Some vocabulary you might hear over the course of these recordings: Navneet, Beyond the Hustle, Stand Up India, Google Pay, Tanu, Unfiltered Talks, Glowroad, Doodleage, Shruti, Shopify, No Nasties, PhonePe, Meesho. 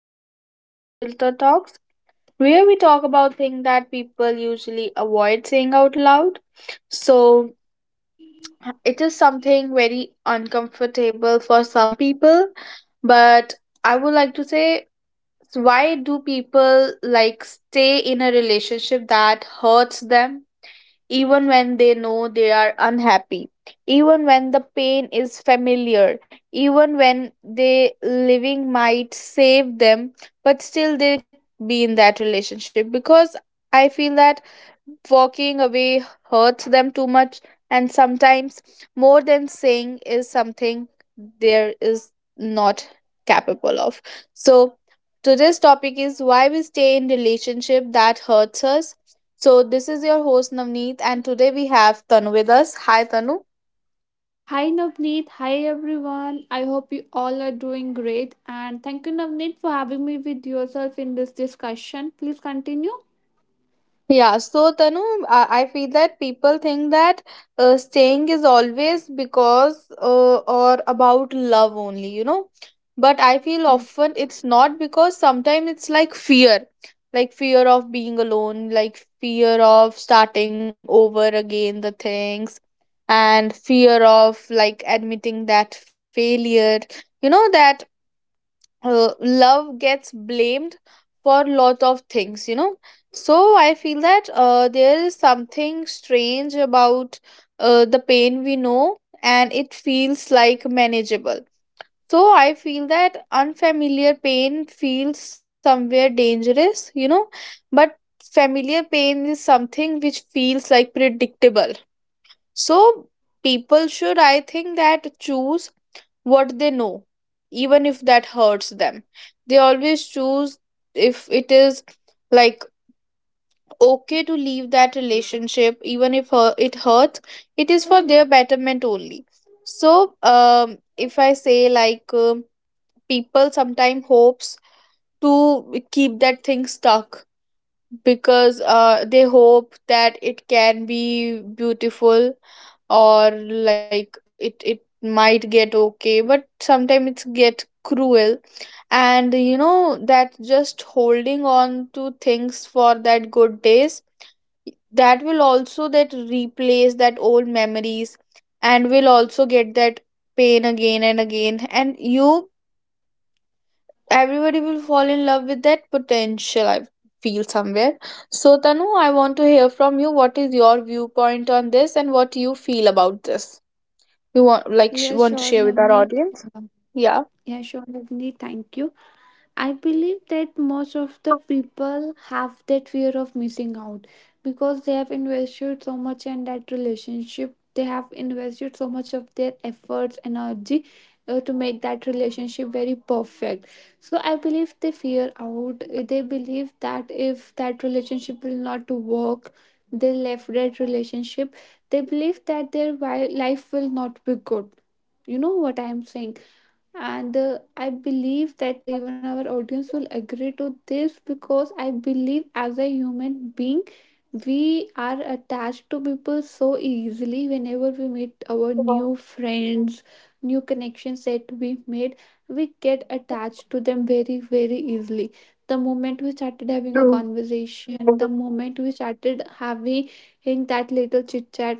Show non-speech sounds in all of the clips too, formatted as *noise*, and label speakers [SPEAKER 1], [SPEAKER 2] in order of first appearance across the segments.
[SPEAKER 1] episode of Unfiltered Talks, where we talk about things that people usually avoid saying out loud. So, it is something very uncomfortable for some people, but I would like to say so why do people like stay in a relationship that hurts them, even when they know they are unhappy, even when the pain is familiar, even when they living might save them, but still they be in that relationship because I feel that walking away hurts them too much, and sometimes more than saying is something there is not capable of. So today's topic is why we stay in relationship that hurts us. So this is your host Navneet and today we have Tanu with us. Hi Tanu.
[SPEAKER 2] Hi Navneet, hi everyone. I hope you all are doing great and thank you Navneet for having me with yourself in this discussion. Please continue.
[SPEAKER 1] Yeah, so Tanu, I feel that people think that staying is always because or about love only, you know. But I feel
[SPEAKER 2] Yes.
[SPEAKER 1] often it's not because sometimes it's like fear of being alone, like fear of starting over again the things, and fear of like admitting that failure, you know, that love gets blamed for lot of things, you know. So I feel that there is something strange about the pain we know, and it feels like manageable. So I feel that unfamiliar pain feels somewhere dangerous, you know, but familiar pain is something which feels like predictable. So people should, I think, that choose what they know, even if that hurts them. They always choose if it is like okay to leave that relationship, even if it hurts, it is for their betterment only. So, if I say like people sometimes hopes to keep that thing stuck because they hope that it can be beautiful, or like it might get okay, but sometimes it's get cruel. And you know that just holding on to things for that good days that will also that replace that old memories, and will also get that pain again and again, and you everybody will fall in love with that potential I feel somewhere. So tanu, I want to hear from you what is your viewpoint on this and what you feel about this you want like
[SPEAKER 2] Yeah,
[SPEAKER 1] want to
[SPEAKER 2] sure
[SPEAKER 1] share with our
[SPEAKER 2] Navneet.
[SPEAKER 1] audience.
[SPEAKER 2] Um,
[SPEAKER 1] Yeah,
[SPEAKER 2] Yeah, sure Navneet. Thank you. I believe that most of the people have that fear of missing out because they have invested so much in that relationship. They have invested so much of their efforts, energy to make that relationship very perfect. So I believe they fear out. They believe that if that relationship will not work, they left that relationship. They believe that their life will not be good. You know what I am saying? And I believe that even our audience will agree to this because I believe as a human being, we are attached to people so easily. Whenever we meet our new friends, new connections that we made, we get attached to them very very easily. The moment we started having a
[SPEAKER 1] true.
[SPEAKER 2] conversation, the moment we started having that little chit chat,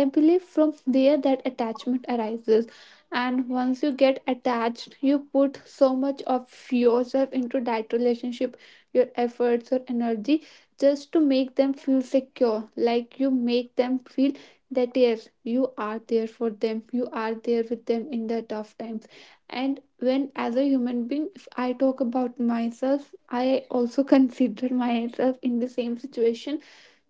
[SPEAKER 2] I believe from there that attachment arises. And once you get attached, you put so much of yourself into that relationship, your efforts or energy, just to make them feel secure, like you make them feel that yes, you are there for them, you are there with them in the tough times. And when, as a human being, if I talk about myself, I also *laughs* consider myself in the same situation.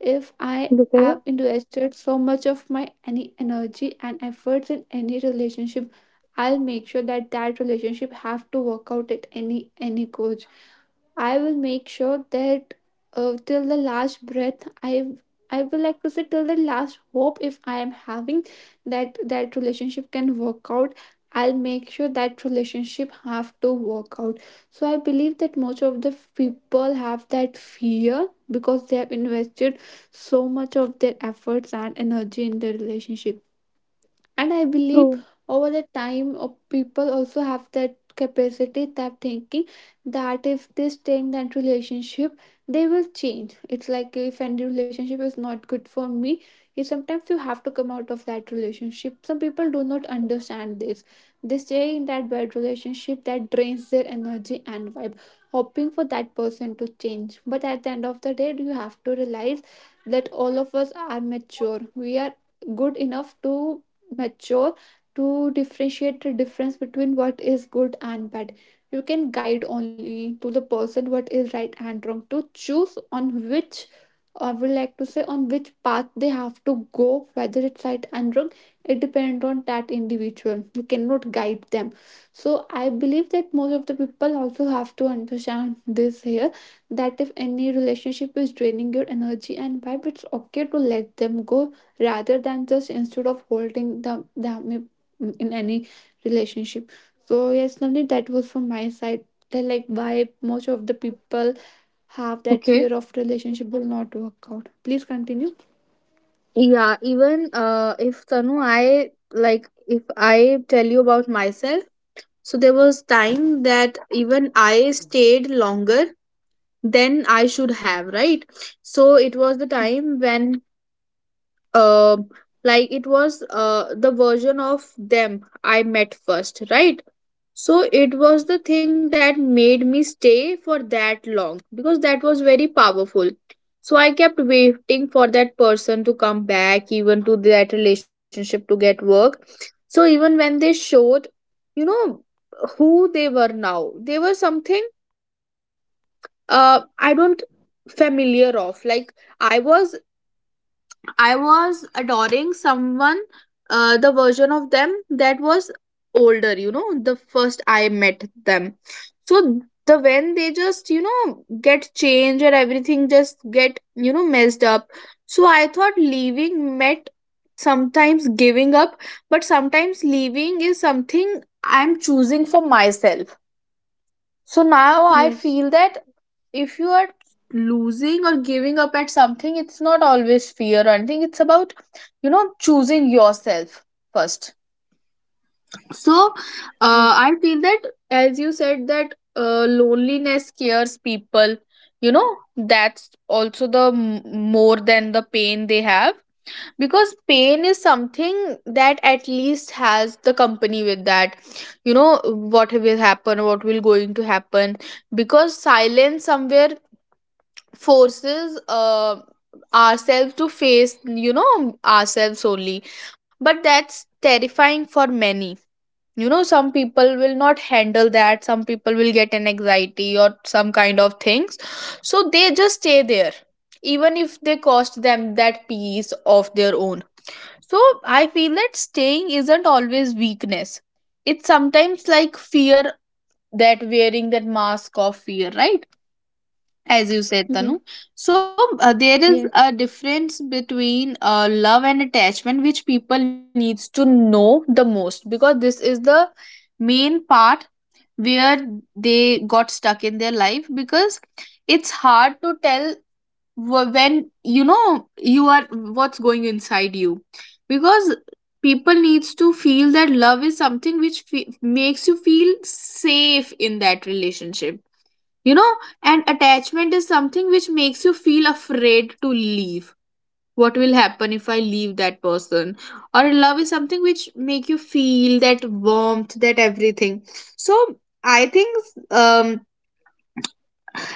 [SPEAKER 2] If I
[SPEAKER 1] Okay,
[SPEAKER 2] have invested so much of my any energy and efforts in any relationship, I'll make sure that that relationship have to work out at any cost. I will make sure that till the last breath, I will like to say till the last hope. If I am having that that relationship can work out, I'll make sure that relationship have to work out. So I believe that most of the people have that fear because they have invested so much of their efforts and energy in their relationship. And I
[SPEAKER 1] true.
[SPEAKER 2] believe over the time of people also have that capacity, that thinking, that if they stay in that relationship, they will change. It's like if any relationship is not good for me, you sometimes you have to come out of that relationship. Some people do not understand this. They stay in that bad relationship that drains their energy and vibe, hoping for that person to change. But at the end of the day, you have to realize that all of us are mature. We are good enough to mature to differentiate the difference between what is good and bad. You can guide only to the person what is right and wrong to choose, on which I would like to say on which path they have to go. Whether it's right and wrong, it depends on that individual. You cannot guide them. So I believe that most of the people also have to understand this here, that if any relationship is draining your energy and vibe, it's okay to let them go rather than just instead of holding the, them in any relationship. So yes Navneet, that was from my side, that like why most of the people have that
[SPEAKER 1] Okay,
[SPEAKER 2] fear of relationship will not work out. Please continue.
[SPEAKER 1] yeah, even if tanu I like if I tell you about myself, so there was time that even I stayed longer than I should have, right? So it was the time when uh, like it was the version of them I met first, right? So it was the thing that made me stay for that long because that was very powerful. So I kept waiting for that person to come back, even to that relationship to get work. So even when they showed, you know, who they were now, they were something I don't familiar of. Like I was I was adoring someone, the version of them that was older, you know, the first I met them. So the when they just, you know, get changed and everything just get, you know, messed up. So I thought leaving meant sometimes giving up, but sometimes leaving is something I'm choosing for myself. So now I
[SPEAKER 2] Yes.
[SPEAKER 1] feel that if you are losing or giving up at something, it's not always fear or anything. It's about, you know, choosing yourself first. So
[SPEAKER 2] Mm-hmm. Yes.
[SPEAKER 1] I feel that, as you said, that loneliness scares people, you know, that's also the more than the pain they have, because pain is something that at least has the company with that, you know what will happen, what will going to happen, because silence somewhere forces ourselves to face, you know, ourselves only, but that's terrifying for many, you know. Some people will not handle that, some people will get an anxiety or some kind of things, so they just stay there even if they cost them that peace of their own. So I feel that staying isn't always weakness. It's sometimes like fear that wearing that mask of fear, right? As you said,
[SPEAKER 2] Mhm.
[SPEAKER 1] Tanu. So there is a difference between love and attachment, which people needs to know the most, because this is the main part where they got stuck in their life, because it's hard to tell when you know you are what's going inside you, because people needs to feel that love is something which makes you feel safe in that relationship, you know. And attachment is something which makes you feel afraid to leave, what will happen if I leave that person, or love is something which make you feel that warmth, that everything. So I think um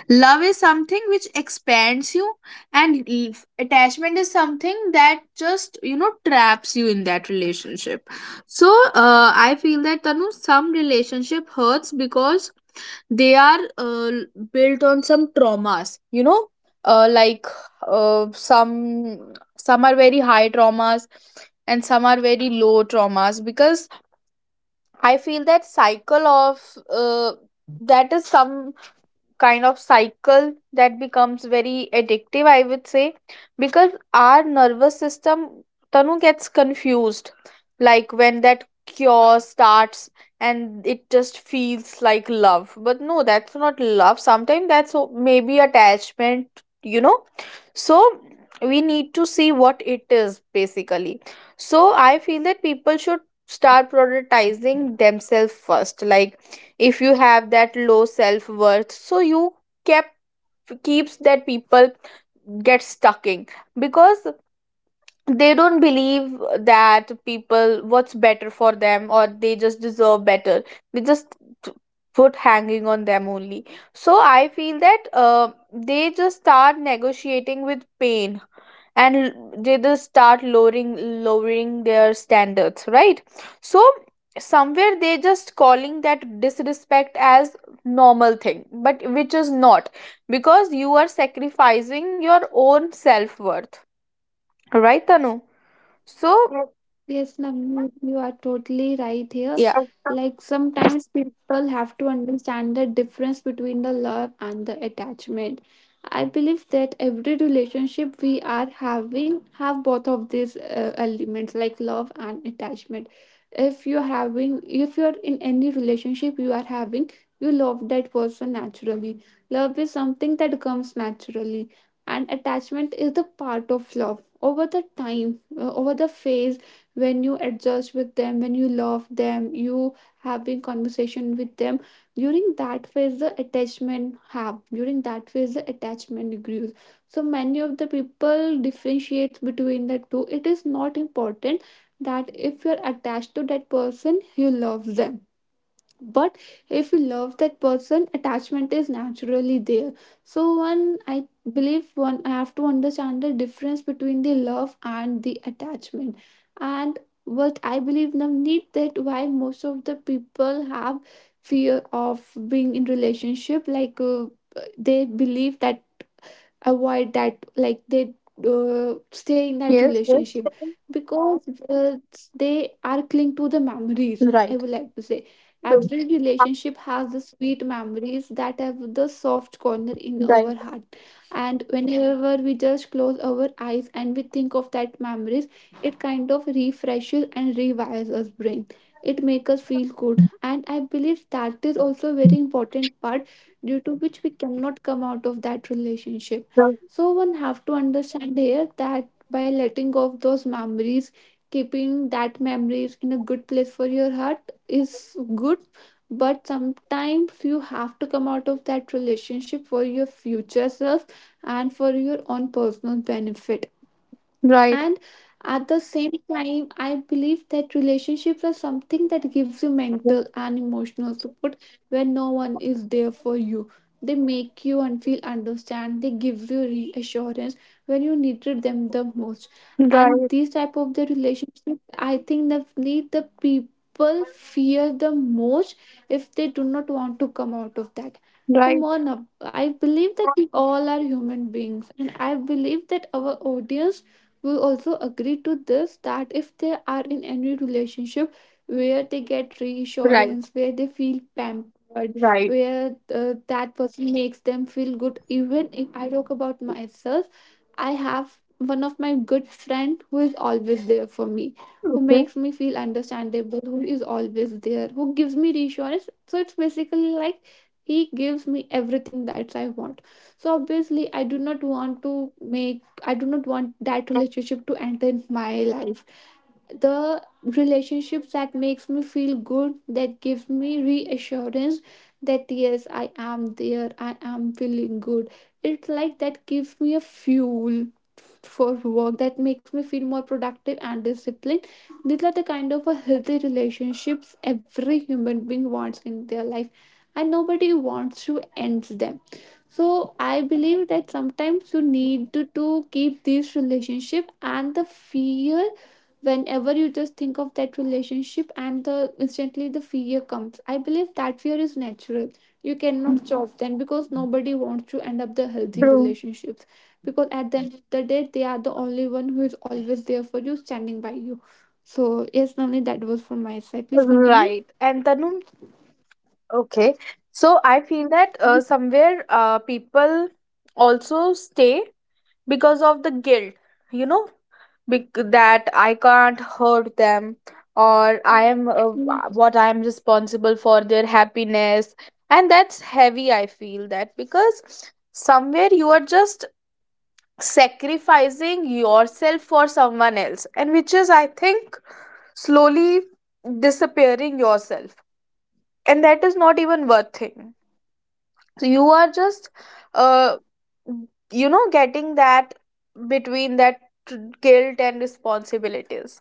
[SPEAKER 1] love is something which expands you, and attachment is something that just, you know, traps you in that relationship. So, I feel that, Tanu, some relationship hurts because they are built on some traumas, you know, like uh, some some are very high traumas and some are very low traumas, because I feel that cycle of uh, that is some kind of cycle that becomes very addictive, I would say, because our nervous system, Tanu, gets confused. Like when that cure starts, and it just feels like love. But no, that's not love. Sometimes that's maybe attachment, you know? So we need to see what it is basically. So I feel that people should start prioritizing themselves first. Like, if you have that low self-worth, so you kept keeps that people get stuck in, because they don't believe that people what's better for them, or they just deserve better, they just put hanging on them only. So I feel that they just start negotiating with pain, and they just start lowering their standards, right? So somewhere they just calling that disrespect as normal thing, but which is not, because you are sacrificing your own self-worth, right tanu? So
[SPEAKER 2] Yes, Navneet, you are totally right here.
[SPEAKER 1] yeah.
[SPEAKER 2] Like sometimes people have to understand the difference between the love and the attachment. I believe that every relationship we are having have both of these elements, like love and attachment. If you're having, if you're in any relationship you are having, you love that person naturally. Love is something that comes naturally, and attachment is the part of love. Over the time, over the phase, when you adjust with them, when you love them, you having conversation with them, during that phase the attachment grows. So many of the people differentiates between the two. It is not important that if you're attached to that person you love them, but if you love that person, attachment is naturally there. So one I believe one I have to understand the difference between the love and the attachment. And what I believe need, that why most of the people have fear of being in relationship, like they believe that avoid that, like they stay in that
[SPEAKER 1] Yes, yes.
[SPEAKER 2] relationship because they are cling to the memories, I
[SPEAKER 1] Right,
[SPEAKER 2] would like to say.
[SPEAKER 1] right,
[SPEAKER 2] Every relationship has the sweet memories that have the soft corner in our
[SPEAKER 1] right,
[SPEAKER 2] heart, and whenever we just close our eyes and we think of that memories, it kind of refreshes and rewires us brain. It makes us feel good, and I believe that is also a very important part due to which we cannot come out of that relationship.
[SPEAKER 1] right,
[SPEAKER 2] So one have to understand here that by letting go of those memories, keeping that memories in a good place for your heart is good, but sometimes you have to come out of that relationship for your future self and for your own personal benefit.
[SPEAKER 1] right,
[SPEAKER 2] And at the same time, I believe that relationships are something that gives you mental and emotional support when no one is there for you. They make you and feel understand, they give you reassurance when you needed them the most. And
[SPEAKER 1] right,
[SPEAKER 2] these type of the relationships, I think that need the people fear the most if they do not want to come out of that. Come on up, I believe that we all are human beings, and I believe that our audience we also agree to this, that if they are in any relationship where they get reassurance, where they feel pampered,
[SPEAKER 1] right
[SPEAKER 2] where that person makes them feel good. Even if I talk about myself, I have one of my good friend who is always there for me,
[SPEAKER 1] okay.
[SPEAKER 2] who makes me feel understandable, who is always there, who gives me reassurance. So it's basically like he gives me everything that I want. So obviously I do not want to make, I do not want that relationship to enter in my life. The relationships that makes me feel good, that gives me reassurance, that yes I am there, I am feeling good. It's like that gives me a fuel for work, that makes me feel more productive and disciplined. These are the kind of a healthy relationships every human being wants in their life, and nobody wants to end them. So I believe that sometimes you need to keep this relationship. And the fear, whenever you just think of that relationship, and the instantly the fear comes, I believe that fear is natural. You cannot stop then because nobody wants to end up the healthy
[SPEAKER 1] True.
[SPEAKER 2] relationship, because at the end of the day they are the only one who is always there for you, standing by you. So yes Namni, that was from my side. Please continue.
[SPEAKER 1] Right. And Tanu, okay. So I feel that somewhere people also stay because of the guilt, you know, that I can't hurt them or I am
[SPEAKER 2] Mm,
[SPEAKER 1] what I am responsible for their happiness. And that's heavy, I feel that, because somewhere you are just sacrificing yourself for someone else, and which is, I think, slowly disappearing yourself. And that is not even worth it, so you are just uh you know getting that between that guilt and responsibilities.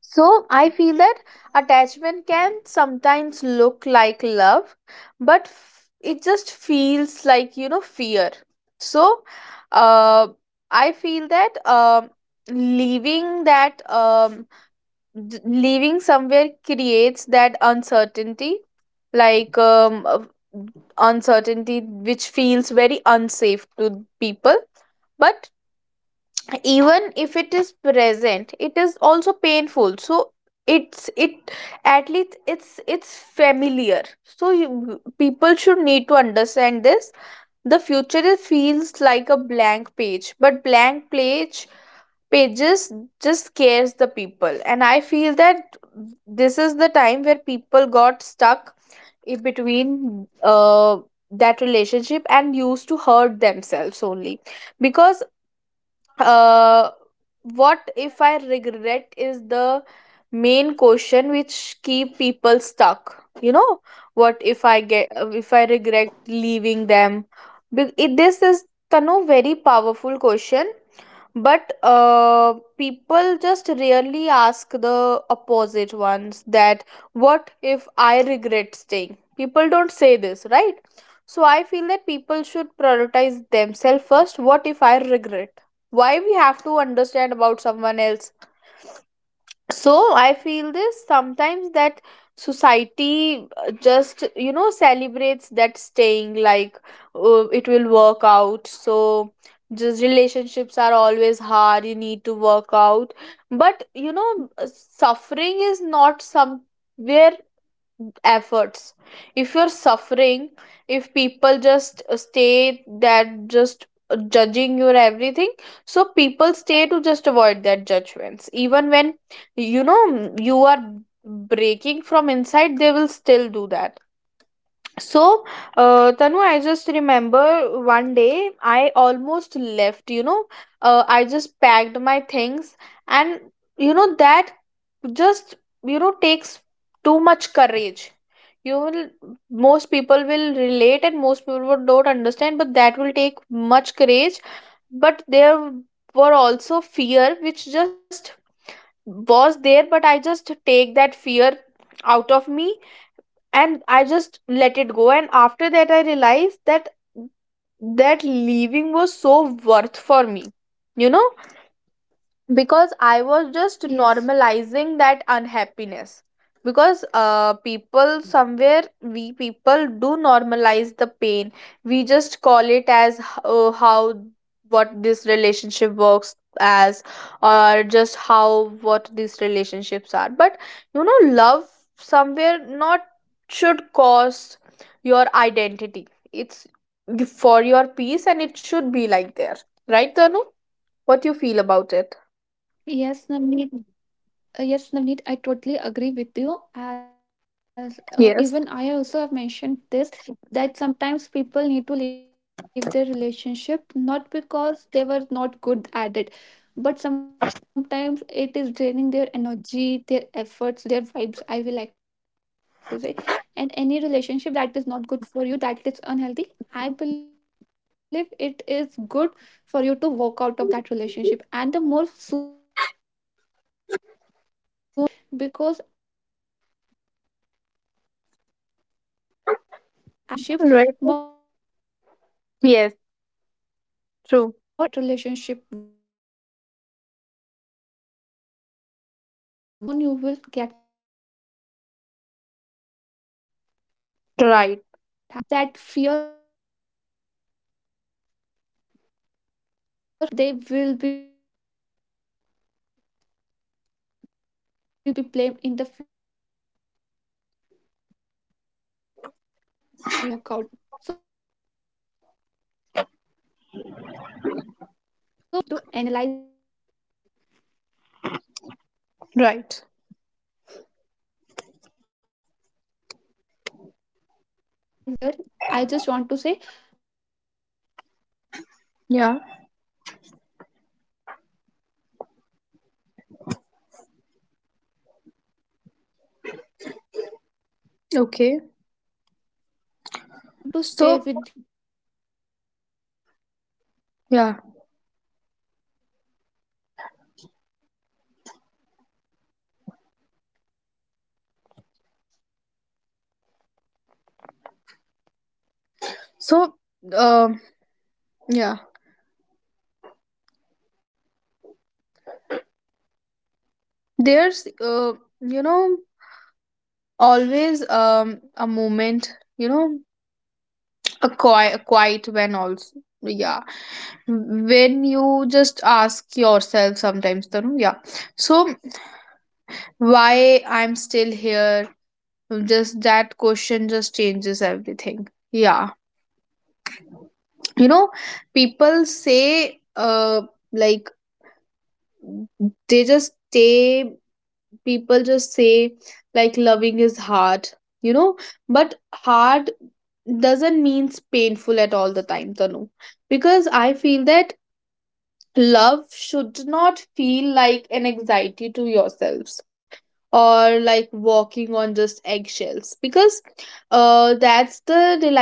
[SPEAKER 1] So I feel that attachment can sometimes look like love, but it just feels like, you know, fear. So uh I feel that leaving that leaving somewhere creates that uncertainty, like uncertainty which feels very unsafe to people, but even if it is present it is also painful, so it's it at least it's familiar, so you, people should need to understand this. The future it feels like a blank page, but blank pages just scares the people. And I feel that this is the time where people got stuck in between that relationship and used to hurt themselves only, because uh, what if I regret is the main question which keep people stuck, you know, what if I get if I regret leaving them. It, this is tanu very powerful question, but people just rarely ask the opposite ones, that what if I regret staying, people don't say this, right? So I feel that people should prioritize themselves first, what if I regret, why we have to understand about someone else. So I feel this sometimes that society just you know celebrates that staying, like it will work out, so just relationships are always hard, you need to work out, but you know suffering is not somewhere efforts. If you're suffering, if people just stay that just judging your everything, so people stay to just avoid that judgments, even when, you know, you are breaking from inside they will still do that. So, Tanu, I just remember one day I almost left, you know. I just packed my things, and you know, that just, you know, takes too much courage. You will, most people will relate, and most people would don't understand, but that will take much courage. But there were also fear, which just was there, but I just take that fear out of me, and I just let it go. And after that I realized that that leaving was so worth for me, you know, because I was just
[SPEAKER 2] yes.
[SPEAKER 1] normalizing that unhappiness, because people somewhere we people do normalize the pain. We just call it as how what this relationship works as, or just how what these relationships are, but you know love somewhere not should cost your identity, it's for your peace and it should be like there, right tanu, what you feel about it?
[SPEAKER 2] Yes Namni. Yes, Navneet, I totally agree with you. As even I
[SPEAKER 1] Yes.
[SPEAKER 2] also have mentioned this, that sometimes people need to leave their relationship, not because they were not good at it, but sometimes it is draining their energy, their efforts, their vibes, I will like to say. And any relationship that is not good for you, that is unhealthy, I believe it is good for you to walk out of that relationship. And the more soon you move out of that, the more happy you will be there, because I believe that the more time you stay in
[SPEAKER 1] Right.
[SPEAKER 2] that relationship, more
[SPEAKER 1] Yes.
[SPEAKER 2] energy and efforts you
[SPEAKER 1] True.
[SPEAKER 2] have to put in that to make that relationship work. So the more the soon you move out of that, the more soon you will get happy. And I
[SPEAKER 1] Right.
[SPEAKER 2] believe that most of the people have that fear, have that mentality, that if they leave that relationship, they will be blamed by the society, or they will be the one who will be blamed in the future that because of them only that relationship will not to work out. So one have to understand these opinion and opinion, one have to analyze these pattern and work
[SPEAKER 1] Right.
[SPEAKER 2] upon it rationally, because not every person you are there, I just want to say, not every person with
[SPEAKER 1] Yeah.
[SPEAKER 2] which you meet in your life going to stay with you forever. I read somewhere and it just blew up my mind, that it was, the
[SPEAKER 1] Okay.
[SPEAKER 2] quote was like this, that some
[SPEAKER 1] So
[SPEAKER 2] people comes to your life to teach you something,
[SPEAKER 1] yeah.
[SPEAKER 2] understand. So I believe that some people come, they try to teach you something, and once their chapter is over, they, what they try to teach you, you learn that, they leave your life
[SPEAKER 1] So
[SPEAKER 2] immediately
[SPEAKER 1] um
[SPEAKER 2] without any closure.
[SPEAKER 1] yeah.
[SPEAKER 2] Hmm. Yes Namit, you want to say something? Hmm?
[SPEAKER 1] There's you know
[SPEAKER 2] Hmm?
[SPEAKER 1] always
[SPEAKER 2] Yes
[SPEAKER 1] a
[SPEAKER 2] please
[SPEAKER 1] moment,
[SPEAKER 2] continue.
[SPEAKER 1] you know, a quiet
[SPEAKER 2] Yes.
[SPEAKER 1] when also, yeah, when you just
[SPEAKER 2] Mm,
[SPEAKER 1] ask yourself sometimes Tanu, yeah, so
[SPEAKER 2] mm,
[SPEAKER 1] why I'm still
[SPEAKER 2] mm,
[SPEAKER 1] here, just that question just changes everything, yeah, you know.
[SPEAKER 2] mm.
[SPEAKER 1] People say like they just say people just say
[SPEAKER 2] Yes
[SPEAKER 1] like loving
[SPEAKER 2] Navneet, you're
[SPEAKER 1] is
[SPEAKER 2] totally
[SPEAKER 1] hard,
[SPEAKER 2] right
[SPEAKER 1] you
[SPEAKER 2] here.
[SPEAKER 1] know, but hard doesn't means painful at
[SPEAKER 2] Hmm.
[SPEAKER 1] all the time tanu, because I feel that love should not feel
[SPEAKER 2] So
[SPEAKER 1] like an
[SPEAKER 2] I totally
[SPEAKER 1] anxiety to
[SPEAKER 2] agree with you
[SPEAKER 1] yourselves,
[SPEAKER 2] on this, Navneet, that
[SPEAKER 1] or like
[SPEAKER 2] sometimes
[SPEAKER 1] walking
[SPEAKER 2] people
[SPEAKER 1] on
[SPEAKER 2] stay in
[SPEAKER 1] just
[SPEAKER 2] that
[SPEAKER 1] eggshells,
[SPEAKER 2] relationship
[SPEAKER 1] because
[SPEAKER 2] so that they can work
[SPEAKER 1] that's
[SPEAKER 2] out on
[SPEAKER 1] the
[SPEAKER 2] that.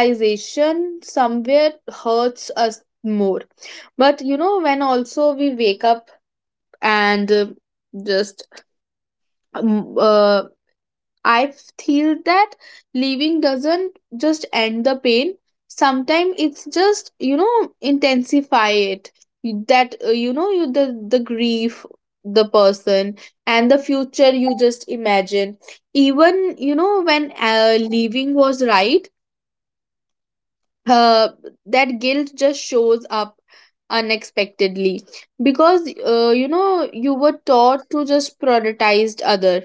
[SPEAKER 2] But sometimes they have
[SPEAKER 1] somewhere
[SPEAKER 2] to understand
[SPEAKER 1] hurts
[SPEAKER 2] that
[SPEAKER 1] us
[SPEAKER 2] staying in that
[SPEAKER 1] more.
[SPEAKER 2] relationship will
[SPEAKER 1] But you
[SPEAKER 2] only
[SPEAKER 1] know when
[SPEAKER 2] cost their
[SPEAKER 1] also we
[SPEAKER 2] energy
[SPEAKER 1] wake up
[SPEAKER 2] and effort.
[SPEAKER 1] and
[SPEAKER 2] So soon you move
[SPEAKER 1] just
[SPEAKER 2] out, you'll save your energy
[SPEAKER 1] um,
[SPEAKER 2] and
[SPEAKER 1] uh,
[SPEAKER 2] efforts on that.
[SPEAKER 1] I
[SPEAKER 2] And I
[SPEAKER 1] feel
[SPEAKER 2] believe the more
[SPEAKER 1] that
[SPEAKER 2] happy will
[SPEAKER 1] leaving
[SPEAKER 2] you will get.
[SPEAKER 1] doesn't just
[SPEAKER 2] So
[SPEAKER 1] end the
[SPEAKER 2] yes,
[SPEAKER 1] pain,
[SPEAKER 2] Navneet. Hmm.
[SPEAKER 1] sometimes it's just, you know, intensify it. You- that you know you the grief, the person, and the future you just imagine, even you know when leaving was right, uh, that guilt just shows up unexpectedly, because you know you were taught to just prioritize other,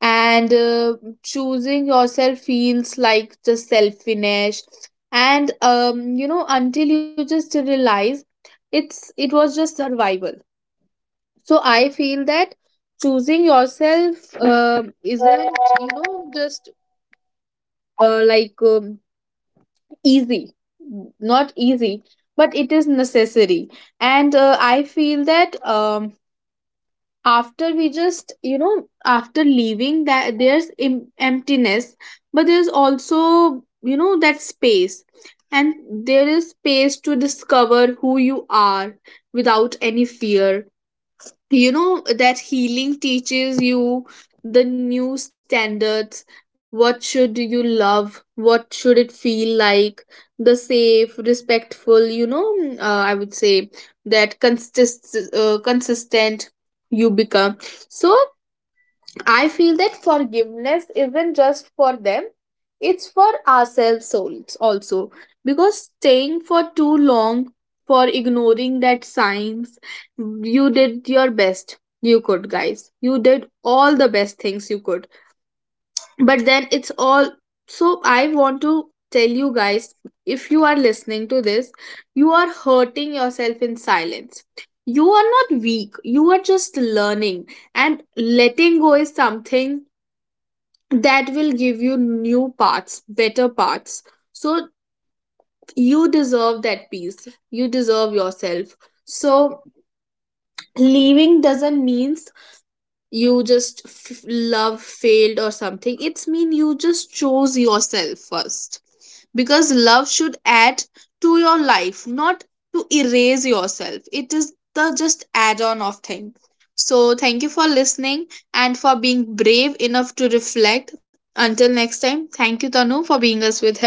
[SPEAKER 1] and choosing yourself feels like just selfish. And you know until you just realize it was just survival. So I feel that choosing yourself isn't, you know, just like easy, not easy, but it is necessary. And I feel that after we just, you know, after leaving that there's emptiness, but there's also, you know, that space, and there is space to discover who you are without any fear. You know that healing teaches you the new standards, what should you love, what should it feel like, the safe respectful, you know, I would say that consistent you become. So I feel that forgiveness isn't just for them, it's for ourselves souls also. Because staying for too long, for ignoring that signs, you did your best you could, guys. You did all the best things you could. But then it's all. So I want to tell you guys, if you are listening to this, you are hurting yourself in silence. You are not weak, you are just learning, and letting go is something that will give you new parts, better parts. So you deserve that peace. You deserve yourself. So leaving doesn't mean you just love failed or something, it's mean you just chose yourself first, because love should add to your life, not to erase yourself, it is the just add on of thing. So thank you for listening, and for being brave enough to reflect. Until next time, thank you tanu for being us with her.